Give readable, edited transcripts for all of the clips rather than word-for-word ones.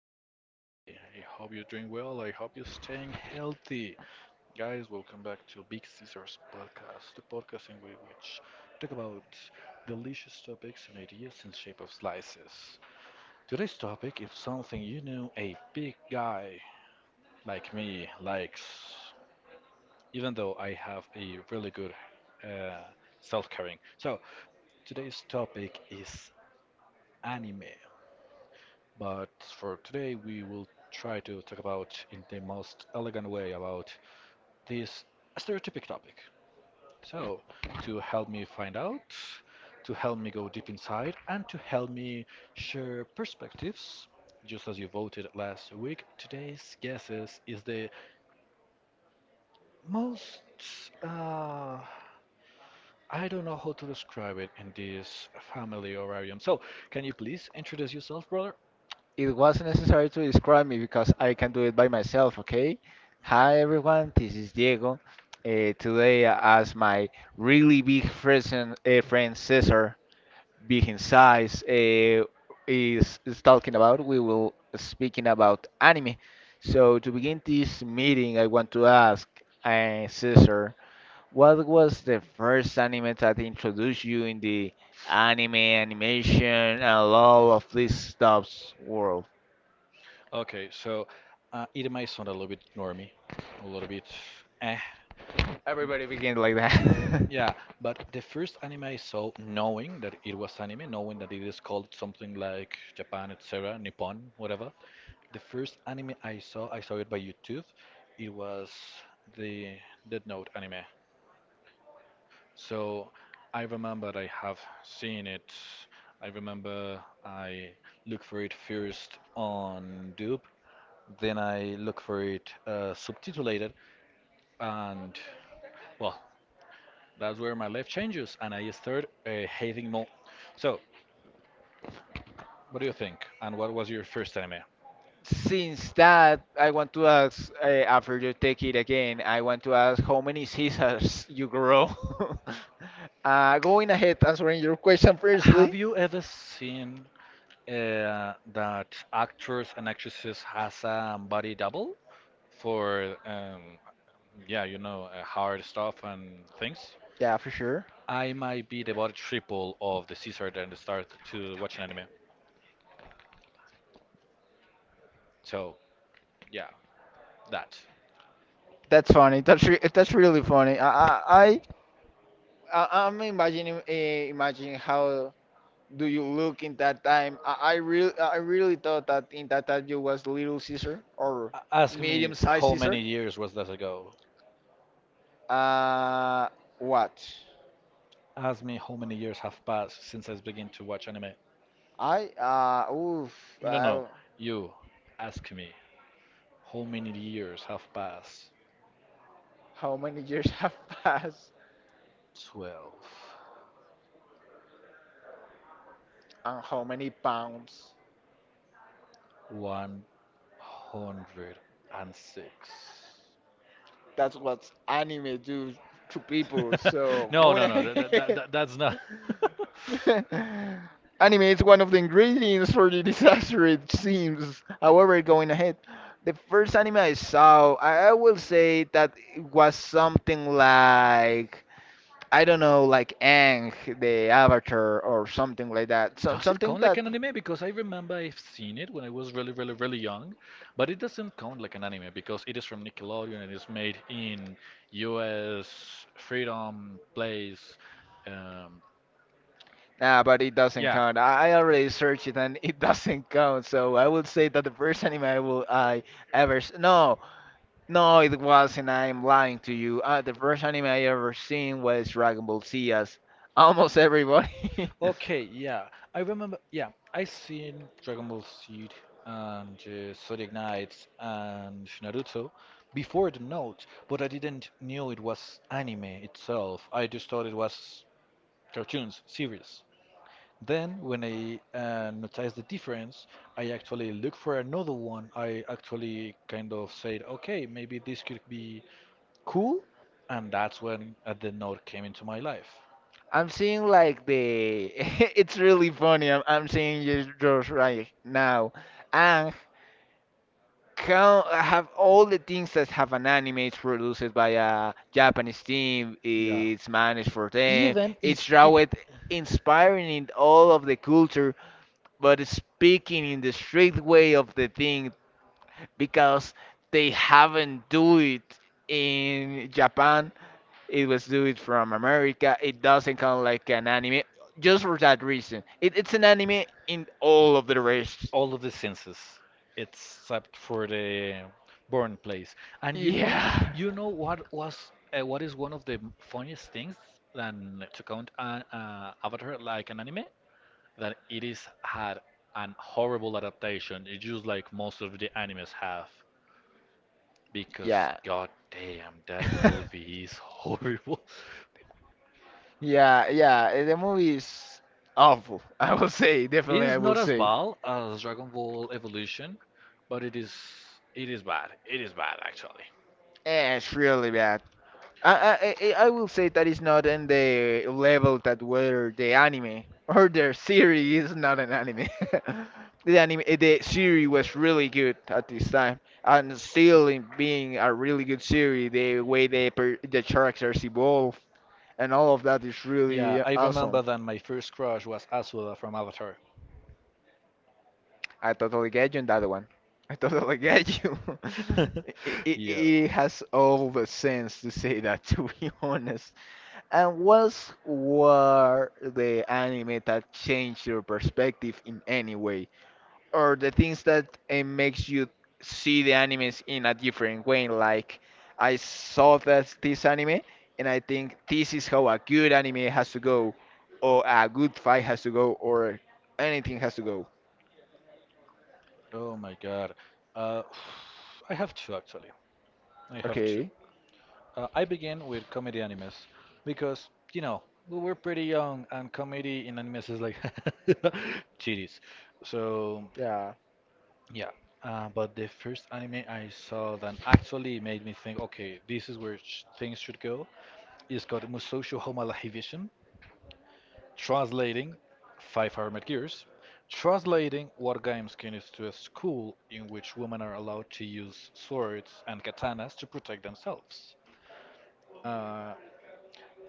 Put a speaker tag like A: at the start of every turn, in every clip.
A: How are you today? I hope you're doing well. I hope you're staying healthy. Guys, welcome back to Big Caesars Podcast, the podcast in which talk about delicious topics and ideas in shape of slices. Today's topic is something you know a big guy like me likes, even though I have a really good uh, self-caring. So, today's topic is anime. But for today, we will try to talk about, in the most elegant way, about this stereotypic topic. So, to help me find out, to help me go deep inside, and to help me share perspectives, just as you voted last week, today's guesses is the most. Uh, I don't know how to describe it in this family orarium. So, can you please introduce yourself, brother?
B: It wasn't necessary to describe me because I can do it by myself, okay? Hi everyone, this is Diego. Today, as my really big friend, friend Cesar, big in size, is talking about, we will speaking about anime. So to begin this meeting, I want to ask Cesar, what was the first anime that introduced you in the anime, animation, and all of these stuffs world?
A: Okay, so it might sound a little bit normy, a little bit eh.
B: Everybody begins like that.
A: Yeah, but the first anime I saw, knowing that it was anime, knowing that it is called something like Japan, etc., Nippon, whatever. The first anime I saw it by YouTube. It was the Death Note anime. So I remember I have seen it. I remember I looked for it first on Dub. Then I look for it subtitulated, and well, that's where my life changes, and I start hating more. So, what do you think? And what was your first anime?
B: Since that, I want to ask, after you take it again, I want to ask how many scissors you grow. Going ahead, answering your question
A: Have
B: firstly.
A: you ever seen that actors and actresses has a body double for yeah, you know, hard stuff and things?
B: Yeah, for sure.
A: I might be the body triple of the Caesar and start to watch an anime. So yeah, that.
B: That's funny. That's really funny. I'm imagining imagining how do you look in that time. I really thought that in that time you was Little Caesar or
A: Ask
B: medium
A: me
B: sized
A: how
B: Caesar.
A: many years was that ago?
B: Uh, what?
A: Ask me how many years have passed since I begin to watch anime.
B: I oof
A: No, no, no. You ask me how many years have passed.
B: How many years have passed
A: 12.
B: and how many pounds?
A: 106.
B: That's what anime do to people. So
A: No,
B: going
A: no, no. That, that,
B: ahead,
A: that, that's not.
B: anime is one of the ingredients for the disaster. It seems. However, going ahead, the first anime I saw, I will say that it was something like. I don't know, like Aang, the Avatar, or something like that. Some
A: Does it
B: something
A: count like
B: that
A: an anime? Because I remember I've seen it when I was really, really, really young, but it doesn't count like an anime because it is from Nickelodeon and it's made in U.S. Freedom Place. Um,
B: nah, but it doesn't
A: yeah.
B: count. I already searched it and it doesn't count. So I would say that the first anime I ever no no it wasn't. I'm lying to you. The first anime I ever seen was Dragon Ball Z as almost everybody.
A: Okay, yeah. I remember, yeah. I seen Dragon Ball Seed and Zodiac Knights and Naruto before the note, but I didn't knew it was anime itself. I just thought it was cartoons, series. Then, when I notice the difference, I actually look for another one. I actually kind of said, okay, maybe this could be cool. And that's when the note came into my life.
B: I'm seeing like the it's really funny. I'm seeing it just right now. Ang count have all the things that have an anime, it's produced by a Japanese team,
A: Yeah.
B: it's managed for them,
A: Even i-
B: it's drawn inspiring in all of the culture, but speaking in the straight way of the thing because they haven't do it in Japan. It was do it from America. It doesn't count like an anime just for that reason. It's an anime in all of the rest.
A: all of the senses except for the born place. And
B: Yeah.
A: you know what was what is one of the funniest things than to count an Avatar like an anime? That it is had an horrible adaptation. It's just like most of the animes have. Because
B: Yeah.
A: god damn, that movie is horrible.
B: Yeah, yeah. The movie is awful. I will say,
A: It
B: definitely
A: is
B: I
A: not
B: will
A: as
B: say.
A: bad as Dragon Ball Evolution, but it is bad. It is bad actually.
B: Eh, it's really bad. I will say that it's not in the level that where the anime or their series is not an anime. The anime, the series was really good at this time, and still in being a really good series. The way the per- The characters evolve and all of that is
A: Yeah,
B: really
A: I remember
B: awesome.
A: that my first crush was Asura from Avatar.
B: I totally get you in that one. I totally get you. It, it,
A: Yeah.
B: it has all the sense to say that, to be honest. And what's were the anime that changed your perspective in any way, or the things that makes you see the animes in a different way? Like I saw that this anime, and I think this is how a good anime has to go, or a good fight has to go, or anything has to go.
A: Oh my god. Uh, I have two actually. I have two.
B: Okay.
A: I began with comedy animes because, you know, we were pretty young and comedy in animes is like titties. So, yeah. But the first anime I saw that actually made me think, okay, this is where sh things should go. It's called Musosho Homa la Hivishin, translating Five Armored Gears, translating War Games is to a school in which women are allowed to use swords and katanas to protect themselves. Uh,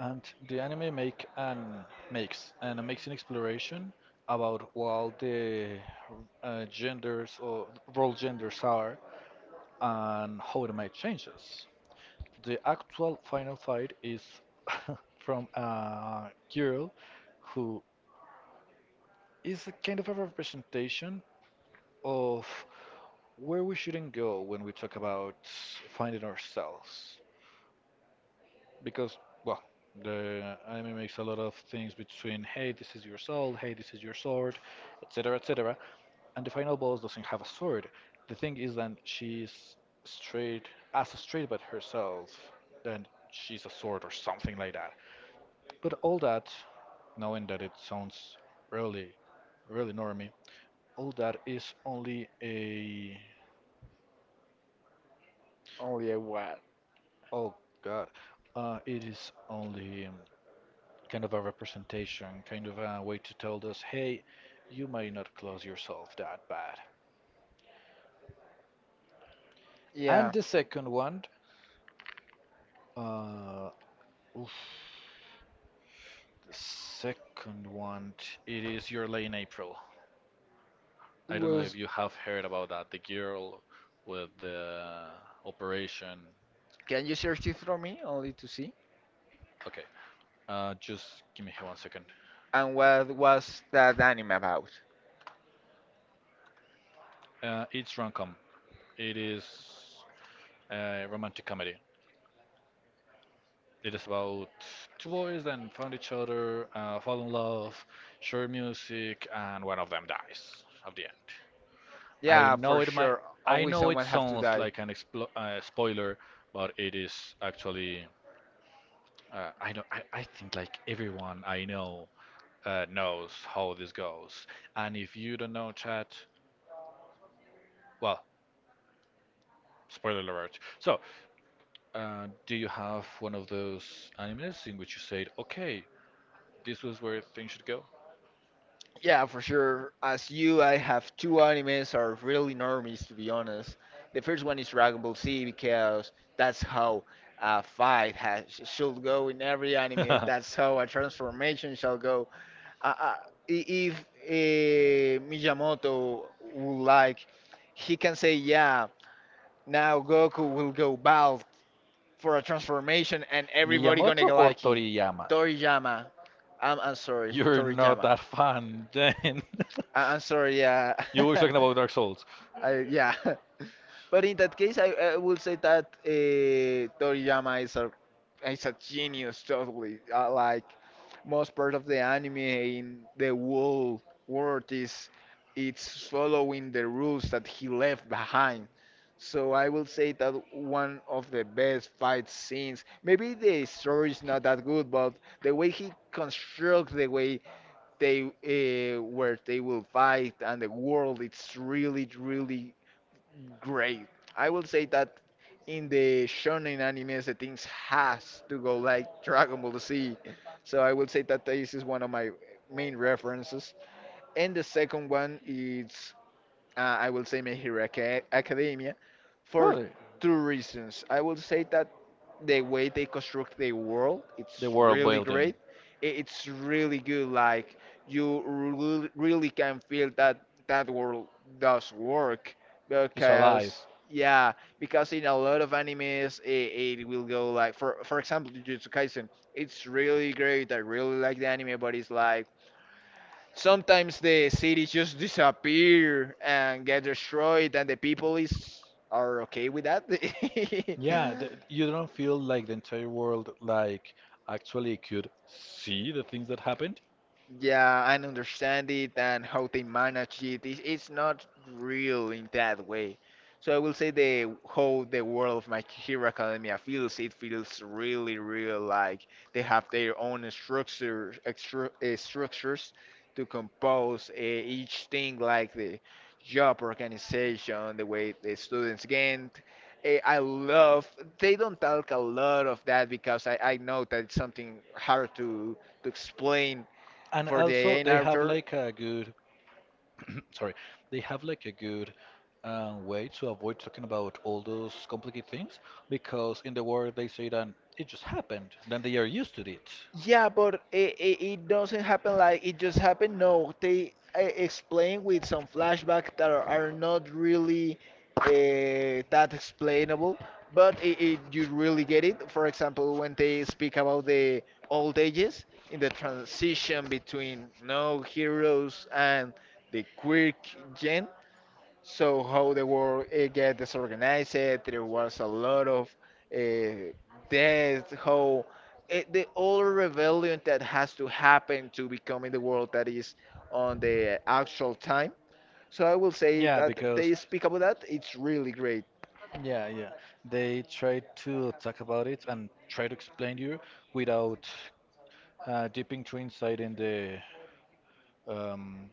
A: And the anime make an makes an amazing exploration about what the genders or role genders are and how it might change us. The actual final fight is from a girl who is a kind of a representation of where we shouldn't go when we talk about finding ourselves. Because well, the anime makes a lot of things between, hey, this is your soul, hey, this is your sword, etc., etc., and the final boss doesn't have a sword. The thing is that she's straight, as straight but herself, then she's a sword or something like that. But all that, knowing that it sounds really, really normie, all that is only a
B: Only a what?
A: oh god, it is only kind of a representation, kind of a way to tell us, hey, you may not close yourself that bad.
B: Yeah.
A: And the second one, uh, oof, the second one, it is Your Lay in April.
B: It
A: I don't know if
B: was.
A: you have heard about that. The girl with the operation.
B: Can you search it for me only to see?
A: Okay, just give me here 1 second.
B: And what was that anime about?
A: It's rom-com. It is a romantic comedy. It is about two boys that found each other, fall in love, share music, and one of them dies at the end. I
B: Yeah,
A: know
B: for
A: it might,
B: sure.
A: I
B: Always
A: know it
B: someone have to
A: sounds
B: die.
A: like an explo spoiler, but it is actually, I know, I think like everyone I know knows how this goes. And if you don't know, chat, well, spoiler alert. So, do you have one of those animes in which you said, okay, this was where things should go?
B: Yeah, for sure. As you, I have two animes are really normies to be honest. The first one is Dragon Ball Z because that's how a fight has, should go in every anime. That's how a transformation shall go uh, uh, I- if Miyamoto would like, he can say, yeah, now Goku will go bald for a transformation, and everybody
A: Miyamoto
B: gonna go
A: or
B: like him.
A: Toriyama?
B: Toriyama, I'm sorry,
A: You're not
B: Toriyama.
A: that fan, then.
B: I, I'm sorry, yeah.
A: You were talking about Dark Souls.
B: I, yeah. But in that case, I will say that Toriyama is a genius totally. Like most part of the anime in the whole world is it's following the rules that he left behind. So I will say that one of the best fight scenes. Maybe the story is not that good, but the way he constructs the way they where they will fight and the world, it's really really great. I will say that in the shonen animes, the things has to go like Dragon Ball Z. So I will say that this is one of my main references. And the second one is I will say My Hero Academia for
A: Really?
B: two reasons. I will say that the way they construct the world
A: The
B: it's
A: world
B: really
A: building
B: great. It's really good, like you really can feel that that world does work
A: is alive.
B: because yeah, because in a lot of animes it will go like for example Jujutsu Kaisen, it's really great, I really like the anime, but it's like sometimes the cities just disappear and get destroyed and the people is are okay with that.
A: Yeah, th you don't feel like the entire world like actually could see the things that happened.
B: Yeah, I understand it and how they manage it. It's not real in that way. So I will say the how the world of My Hero Academia feels. It feels really real, like they have their own structures, extru structures to compose each thing, like the job organization, the way the students gain. Eh, I love. They don't talk a lot of that because I know that it's something hard to explain
A: And
B: for the
A: also
B: A and
A: they have
B: Arthur.
A: like a good sorry, they have like a good way to avoid talking about all those complicated things because in the world they say that it just happened, then they are used to it.
B: Yeah, but it doesn't happen like it just happened. No, they explain with some flashbacks that are not really that explainable, but you really get it. For example, when they speak about the old ages in the transition between no heroes and the quirk gen, so how the world it get disorganized, there was a lot of uh, death, how it, the all rebellion that has to happen to becoming the world that is on the actual time. So I will say
A: Yeah,
B: that
A: because
B: they speak about that. It's really great.
A: yeah, yeah, they try to talk about it and try to explain you without dipping too inside in the um,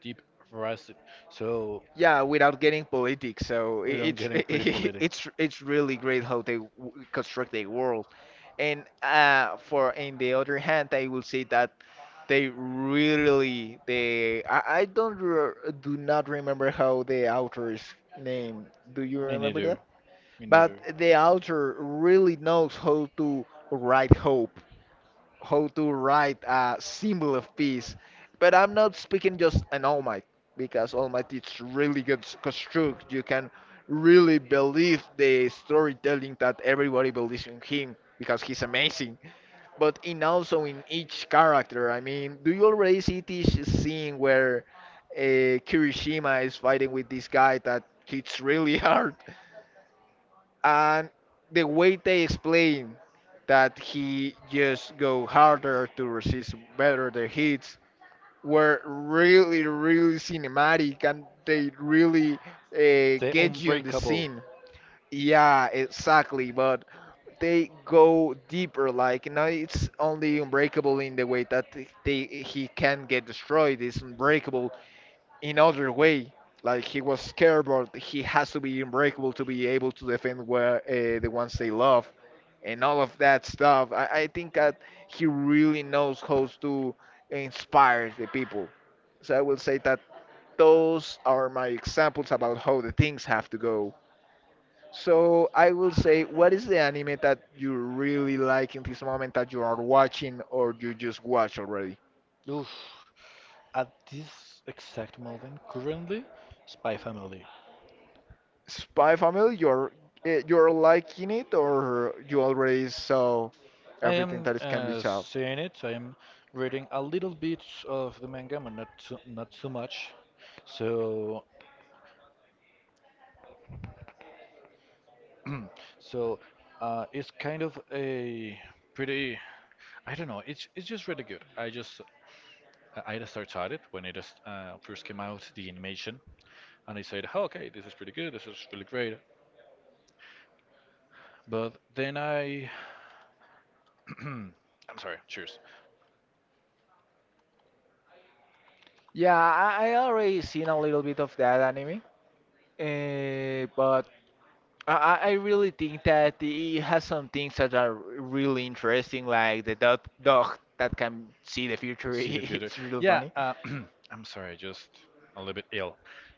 A: deep rest. So
B: Yeah, without getting politics. So
A: we don't
B: it's
A: get in pretty politic.
B: it's really great how they construct the world. And for in the other hand, I will say that they really they I don't re- do not remember how the author's name. Do you
A: Me
B: remember
A: neither.
B: that?
A: Me
B: But
A: neither.
B: the author really knows how to write hope, how to write a symbol of peace. But I'm not speaking just an All Might, because All Might is really good construct. You can really believe the storytelling that everybody believes in him because he's amazing. But in also in each character, I mean, do you already see this scene where Kirishima is fighting with this guy that hits really hard? And the way they explain that he just go harder to resist better the hits were really really cinematic and they really
A: The
B: get you in the
A: Unbreakable.
B: scene. Yeah exactly, but they go deeper, like you know it's only unbreakable in the way that he can get destroyed, it's unbreakable in other way. Like he was scared, but he has to be unbreakable to be able to defend where the ones they love, and all of that stuff. I think that he really knows how to inspire the people. So I will say that those are my examples about how the things have to go. So I will say, what is the anime that you really like in this moment that you are watching or you just watch already?
A: Oof. At this exact moment, currently, Spy Family.
B: Spy Family, you're you're liking it, or you already saw
A: I
B: everything
A: am
B: that is can be saw?
A: seeing it. I am reading a little bit of the manga, but not too, not too much. So, so it's kind of a pretty. I don't know. It's just really good. I just started it when it just first came out, the animation, and I said, oh, okay, this is pretty good. This is really great. But then I I'm sorry. Cheers.
B: Yeah, I already seen a little bit of that anime, but I really think that it has some things that are really interesting, like the dog that can see the future.
A: See the future.
B: It's real
A: Yeah.
B: funny.
A: I'm sorry. Just a little bit ill.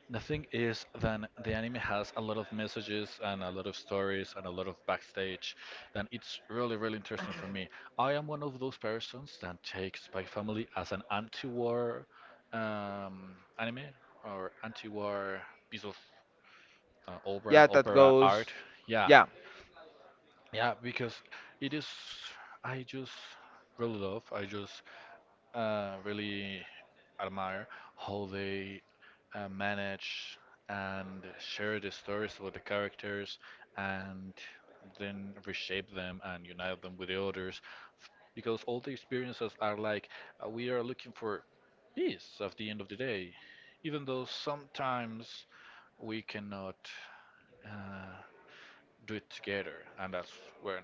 A: The thing is that the anime has a lot of messages and a lot of stories and a lot of backstage, and it's really, really interesting for me. I am one of those persons that takes Spy Family as an anti-war anime or anti-war piece of
B: Yeah, that
A: opera
B: goes.
A: art. Yeah,
B: Yeah.
A: yeah, because it is, I just really love, I just really admire how they manage and share the stories about the characters and then reshape them and unite them with the others. Because all the experiences are like, we are looking for peace at the end of the day, even though sometimes we cannot. Uh, do it together, and that's when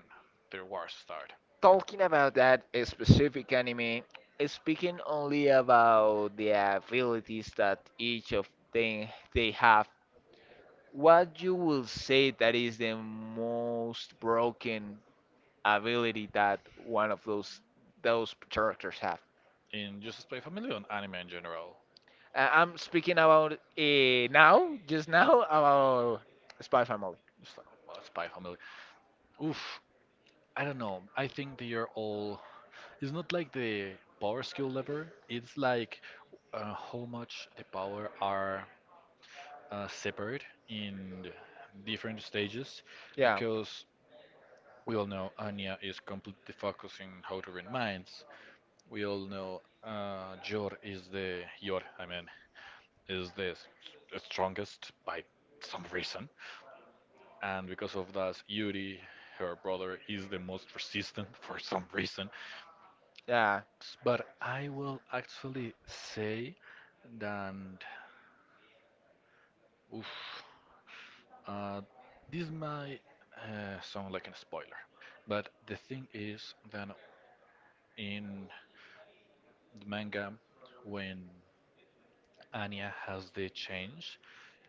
A: their wars start.
B: Talking about that specific anime, speaking only about the abilities that each of them they have, what you will say that is the most broken ability that one of those characters have?
A: In just Spy Family on anime in general,
B: I'm speaking about now, just now about Spy Family.
A: just like, well, Spy Family. Oof, I don't know. I think they are all. It's not like the power skill level. It's like how much the power are separate in different stages,
B: Yeah,
A: because we all know Anya is completely focusing how to read minds. We all know Jor, I mean, is the strongest by some reason. And because of that, Yuri, her brother, is the most resistant for some reason.
B: yeah.
A: But I will actually say that oof, uh, this might sound like a spoiler. But the thing is that in the manga, when Anya has the change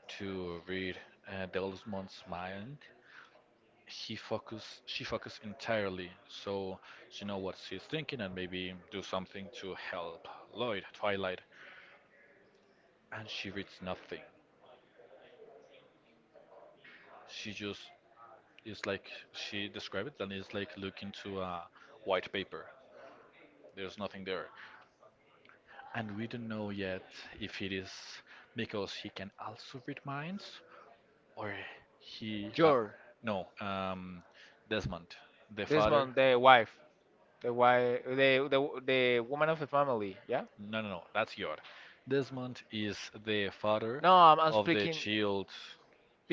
A: to read Delmond's mind, he focus she focus entirely so she know what she's thinking and maybe do something to help Lloyd, Twilight, and she reads nothing. She just is like she described it and is like looking to a white paper. There's nothing there. And we don't know yet if it is because he can also read minds or he
B: Jor,
A: no, Desmond, the father.
B: Desmond, the wife, the woman of the family. Yeah?
A: No, no, no. That's your. Desmond is the father
B: No, I'm
A: of the
B: speaking
A: child.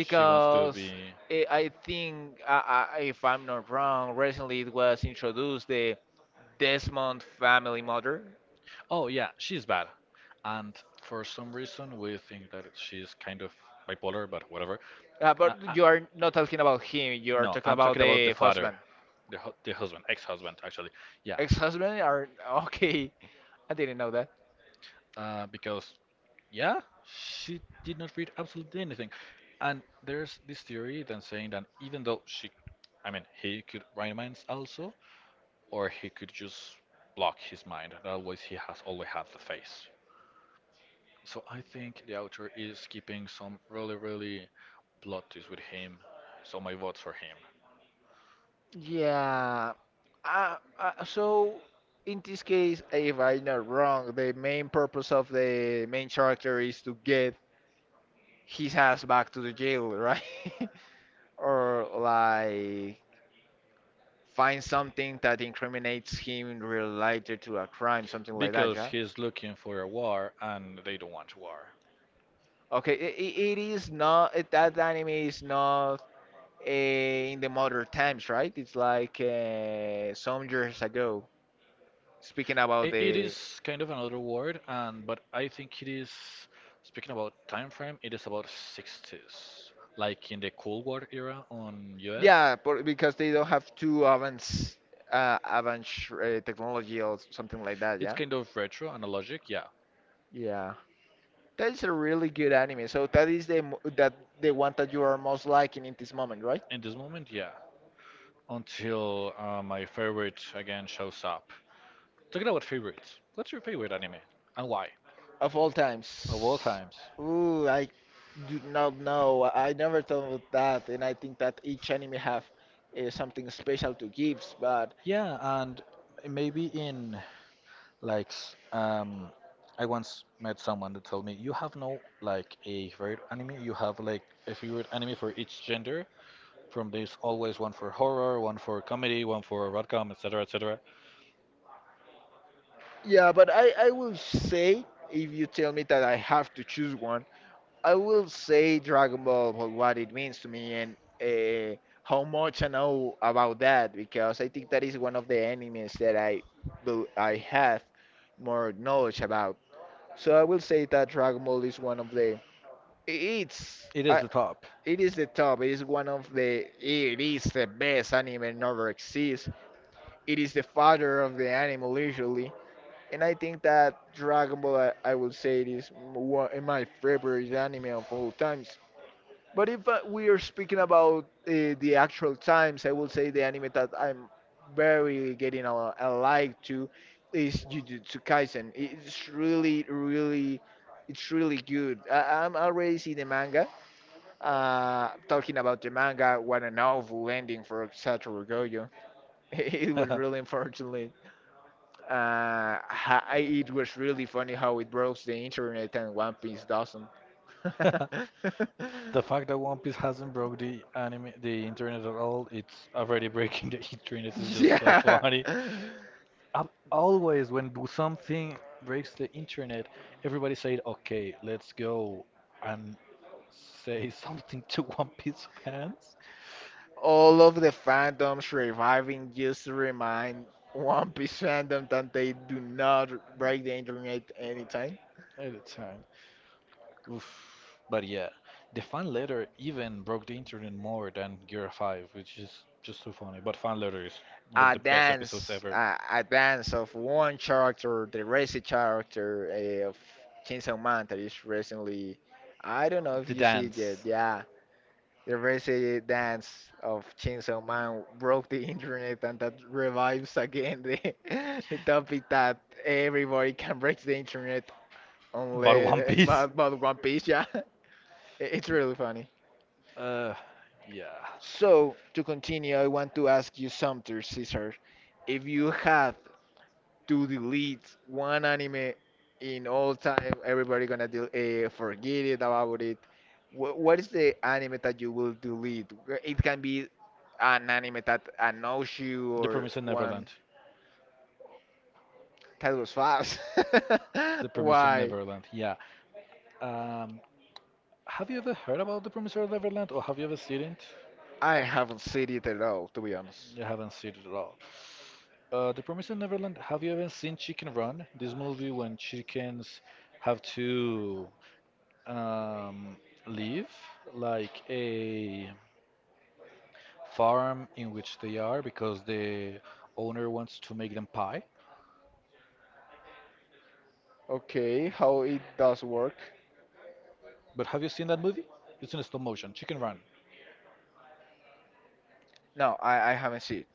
A: She wants to be.
B: I think, if I'm not wrong, recently it was introduced the Desmond family mother.
A: Oh yeah, she's bad. And for some reason, we think that she's kind of bipolar, but whatever.
B: But
A: I- I-
B: you are not talking about him, you are
A: no,
B: talking
A: I'm
B: about
A: talking about
B: the
A: the father,
B: husband.
A: the the husband, ex-husband actually. Yeah.
B: Ex-husband are okay. I didn't know that.
A: Because yeah, she did not read absolutely anything. And there's this theory then saying that even though she, I mean, he could write minds also, or he could just block his mind. Otherwise, he has only had the face. So I think the author is keeping some really, really plot twists with him. So my vote's for him
B: Yeah. So in this case, if I'm not wrong, the main purpose of the main character is to get his ass back to the jail, right? Or like find something that incriminates him related to a crime, something like that,
A: because
B: yeah?
A: he's looking for a war and they don't want war.
B: Okay, it is not, it, that anime is not in the modern times, right? It's like some years ago. Speaking about
A: I- It is
B: the,
A: kind of another word, and but I think it is speaking about time frame. It is about 60s, like in the Cold War era on US.
B: yeah, but because they don't have too advanced, advanced technology or something like that,
A: It's
B: yeah?
A: kind of retro, analogic, yeah.
B: Yeah. That is a really good anime. So that is the one that you are most liking in this moment, right?
A: In this moment, yeah. Until my favorite again shows up. Talking about favorites, what's your favorite anime and why?
B: Of all
A: Of all
B: times.
A: times.
B: I do not know. I never thought of that, and I think that each anime have something special to give. But
A: Yeah, and maybe in like, I once met someone that told me you have no like a favorite anime. You have like a favorite anime for each gender. From this, always one for horror, one for comedy, one for rom-com, etc., etc.
B: yeah, but I will say if you tell me that I have to choose one, I will say Dragon Ball for what it means to me and uh, how much I know about that because I think that is one of the animes that I I have more knowledge about. So I will say that Dragon Ball is one of the It's
A: It is
B: I
A: the top.
B: it is the top. It is one of the. It is the best anime never exists. It is the father of the anime usually, and I think that Dragon Ball, I would say, it is one of my favorite anime of all times. But if we are speaking about the actual times, I will say the anime that I'm very getting a like to is Jujutsu Kaisen. It's really good. I'm already see the manga talking about the manga, what a novel ending for Satoru Gojo. It was really unfortunate. It was really funny how it broke the internet and One Piece doesn't.
A: The fact that One Piece hasn't broke the internet at all, it's already breaking the internet is just so
B: Yeah.
A: funny. Always when something breaks the internet, everybody said, "Okay, let's go and say something to one piece of hands
B: All of the fandoms reviving just to remind One Piece fandom that they do not break the internet anytime.
A: at a time." Oof. But yeah, the fan letter even broke the internet more than Gear 5, which is just so funny. But fan letter is one of
B: A
A: the best episodes
B: dance
A: ever.
B: a dance of one character the racy character of Chainsaw Man that is recently I don't know if
A: The
B: you see it yet,
A: dance.
B: yeah, the racy dance of Chainsaw Man broke the internet and that revives again the, the topic that everybody can break the internet
A: But One
B: unless
A: Piece?
B: but One Piece, yeah. It- it's really funny,
A: Uh, yeah.
B: so to continue I want to ask you something, Cesar, if you had to delete one anime in all time, everybody gonna forget it about it. What is the anime that you will delete? It can be an anime that annoys you
A: The
B: or
A: Promised
B: one
A: Neverland.
B: that was fast.
A: The Promised
B: Why?
A: Neverland, yeah. Um, Have you ever heard about The Promised Neverland or have you ever seen it?
B: I haven't seen it at all, to be honest.
A: You haven't seen it at all. The Promised Neverland, have you ever seen Chicken Run? This movie when chickens have to um, leave like a farm in which they are because the owner wants to make them pie.
B: Okay, how it does work?
A: But have you seen that movie? It's in stop motion. Chicken Run.
B: No, I haven't seen it.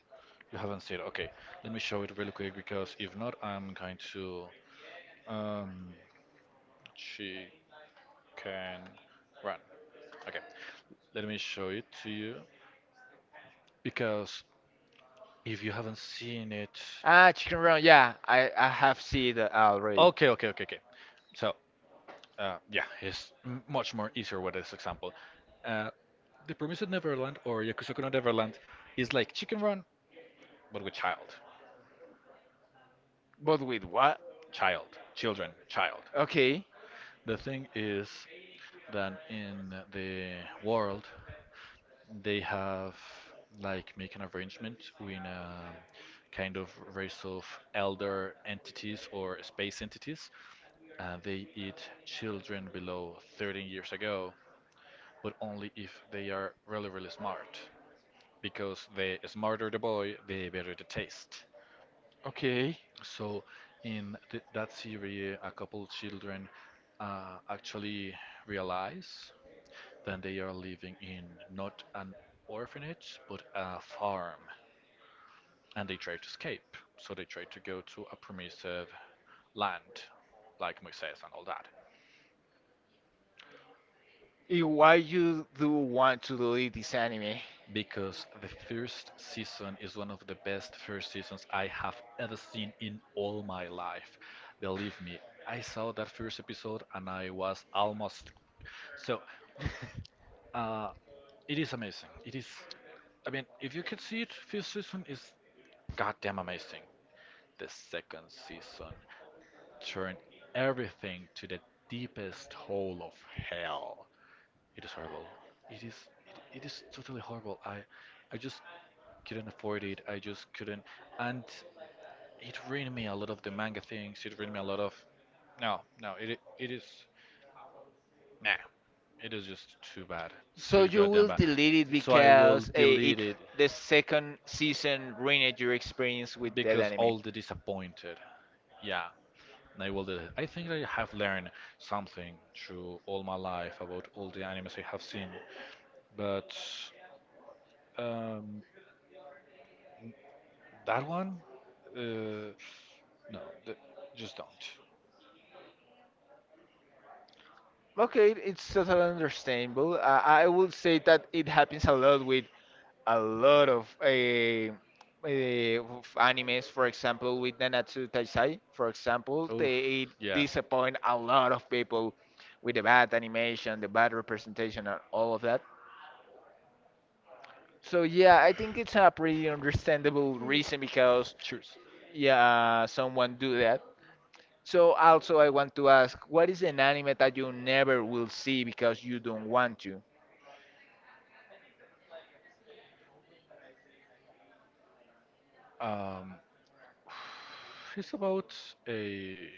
A: You haven't seen it. Okay, let me show it really quick because if not, I'm going to um, Chicken Run. Okay. Let me show it to you because if you haven't seen it,
B: Ah, Chicken Run, yeah, I have seen it already.
A: okay, okay, okay, okay. So, yeah, it's much more easier with this example. Uh, the Promised Neverland or Yakusoku no Neverland is like Chicken Run, but with child,
B: But with what?
A: child, children, child.
B: Okay,
A: The thing is that in the world they have like make an arrangement with kind of race of elder entities or space entities. They eat children below 13 years ago, but only if they are really really smart, because the smarter the boy, the better the taste.
B: okay.
A: So in th that series, a couple children actually realize that they are living in not an orphanage but a farm and they try to escape. So they try to go to a permissive land, like Moises and all that.
B: And why you do want to delete this anime?
A: Because the first season is one of the best first seasons I have ever seen in all my life. Believe me, I saw that first episode and I was almost. So, uh, it is amazing. It is. I mean, if you could see it, first season is goddamn amazing. The second season turned everything to the deepest hole of hell. It is horrible. It is it is totally horrible. I just couldn't afford it. I just couldn't and it ruined me a lot of the manga things. It ruined me a lot of no, no, it is nah. It is just too bad.
B: So
A: Too
B: you
A: goddamn
B: will
A: bad.
B: delete it
A: So I will
B: because
A: delete
B: it
A: it
B: the second season ruined your experience with that
A: because
B: anime.
A: all the disappointed. Yeah, I will delete it. I think I have learned something through all my life about all the animes I have seen. But Um, that one? Uh, no, just don't.
B: Okay, it's totally understandable. I would say that it happens a lot with a lot of animes. For example, with Nanatsu Taisai, for example,
A: Oof,
B: they
A: yeah.
B: disappoint a lot of people with the bad animation, the bad representation, and all of that. So yeah, I think it's a pretty understandable reason because
A: Cheers.
B: yeah, someone do that. So also I want to ask, what is an anime that you never will see because you don't want to?
A: Um, it's about a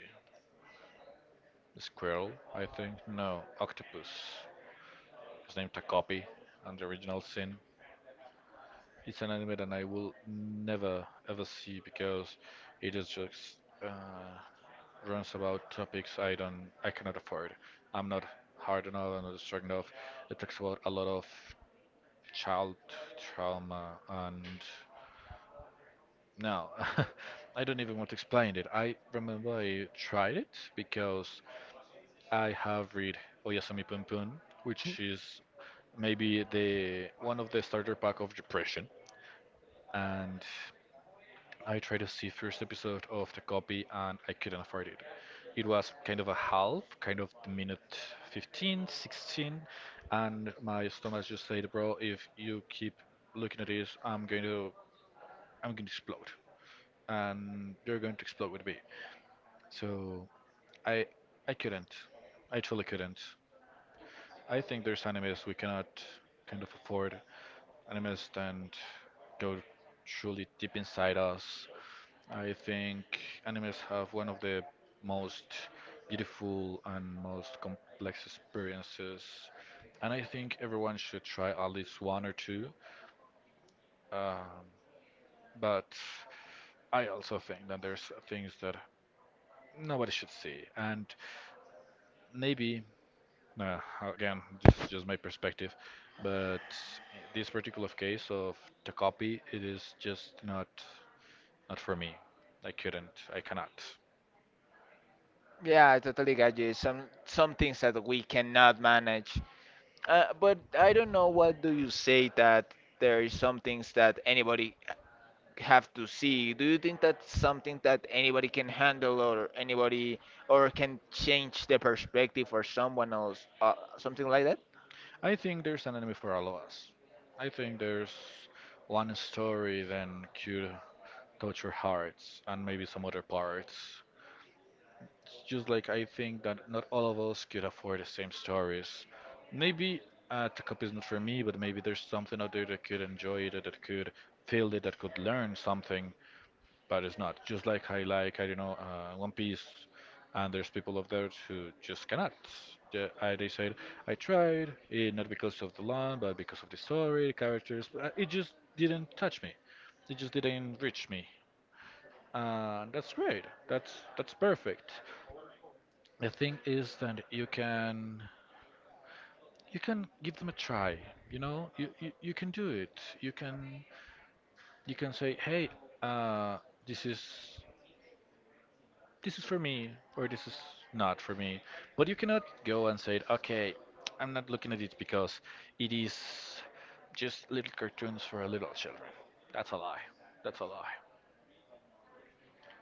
A: squirrel, I think. No, octopus. It's named Takopi on the original sin. It's an anime that I will never ever see because it is just uh, runs about topics I cannot afford. I'm not hard enough, I'm not strong enough. It talks about a lot of child trauma and no, I don't even want to explain it. I remember I tried it because I have read Oyasumi Punpun, which is maybe the one of the starter pack of depression, and I tried to see first episode of the copy and I couldn't afford it. It was kind of a half, kind of the minute 15, 16, and my stomach just said, "Bro, if you keep looking at this, I'm going to explode, and you're going to explode with me." So I, I couldn't. I truly couldn't. I think there's animes we cannot kind of afford. Animes that go truly deep inside us. I think animes have one of the most beautiful and most complex experiences, and I think everyone should try at least one or two. Um, but I also think that there's things that nobody should see, and maybe uh, again, just my perspective, but this particular case of Takopi, it is just not not for me. I couldn't. I cannot.
B: Yeah, I totally got you. Some things that we cannot manage. But I don't know what do you say that there is some things that anybody have to see. Do you think that's something that anybody can handle or anybody or can change the perspective for someone else, something like that?
A: I think there's an enemy for all of us. I think there's one story that could touch our hearts and maybe some other parts. It's just like I think that not all of us could afford the same stories. Maybe the cup is not for me, but maybe there's something out there that could enjoy it, that could feel it, that could learn something but it's not. Just like, I don't know, One Piece, and there's people out there who just cannot. Yeah, they said, I tried, not because of the land, but because of the story, the characters, but it just didn't touch me. It just didn't reach me. And that's great. That's perfect. The thing is that you can give them a try. You know, you can do it. You can say, hey, uh, this is this is for me or this is not for me. But you cannot go and say, okay, I'm not looking at it because it is just little cartoons for little children. That's a lie. That's a lie.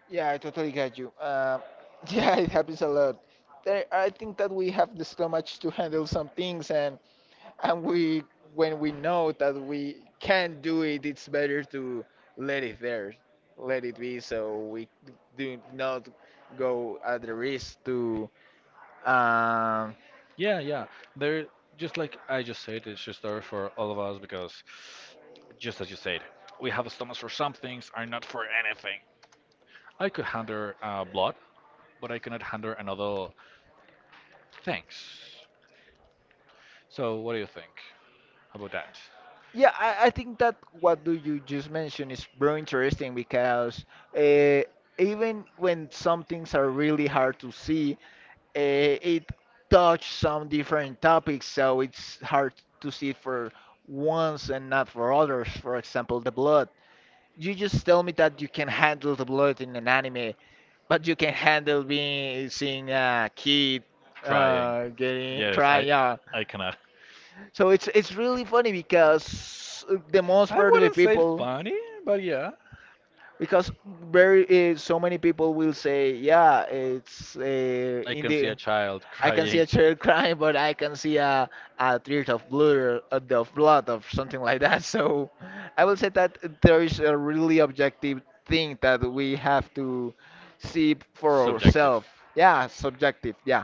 B: Yeah, I totally get you. Yeah, it happens a lot. There, I think that we have the stomach to handle some things, and we when we know that we can do it, it's better to let it there, let it be, so we do not go at the risk to. Um,
A: Yeah, yeah. They're just like I just said, it's just there for all of us because, just as you said, we have stomachs for some things and not for anything. I could handle blood, but I cannot handle another things. So, what do you think about that?
B: yeah, I think that what do you just mentioned is very interesting because uh, even when some things are really hard to see, it touched some different topics, so it's hard to see it for ones and not for others. For example, the blood. You just tell me that you can handle the blood in an anime, but you can handle being seeing a kid
A: Trying.
B: getting
A: Yes,
B: crying out.
A: I cannot.
B: So it's really funny because the most
A: I
B: part of the
A: wouldn't say it
B: people.
A: funny, but yeah.
B: Because very so many people will say, yeah, it's
A: I
B: in
A: can see a
B: the
A: child
B: I can see
A: crying.
B: a child crying, but I can see a tears of blood, of blood, of something like that. So I will say that there is a really objective thing that we have to see
A: For
B: for
A: subjective. So
B: ourselves. Yeah, subjective. Yeah.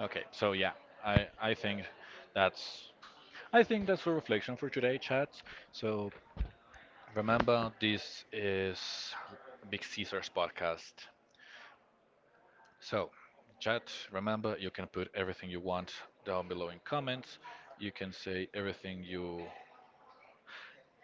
A: okay, so yeah, I think that's I think that's a reflection for today, chat. So remember, this is Big Caesar's podcast. So, chat, remember you can put everything you want down below in comments. You can say everything you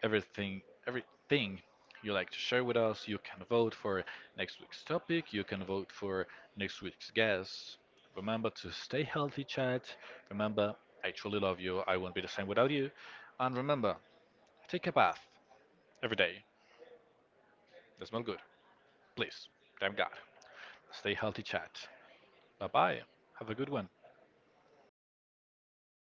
A: everything everything you like to share with us. You can vote for next week's topic. You can vote for next week's guest. Remember to stay healthy, chat. Remember, I truly love you. I won't be the same without you. And remember, take a bath every day. They smell good. Please. Damn God. Stay healthy, chat. Bye bye. Have a good one.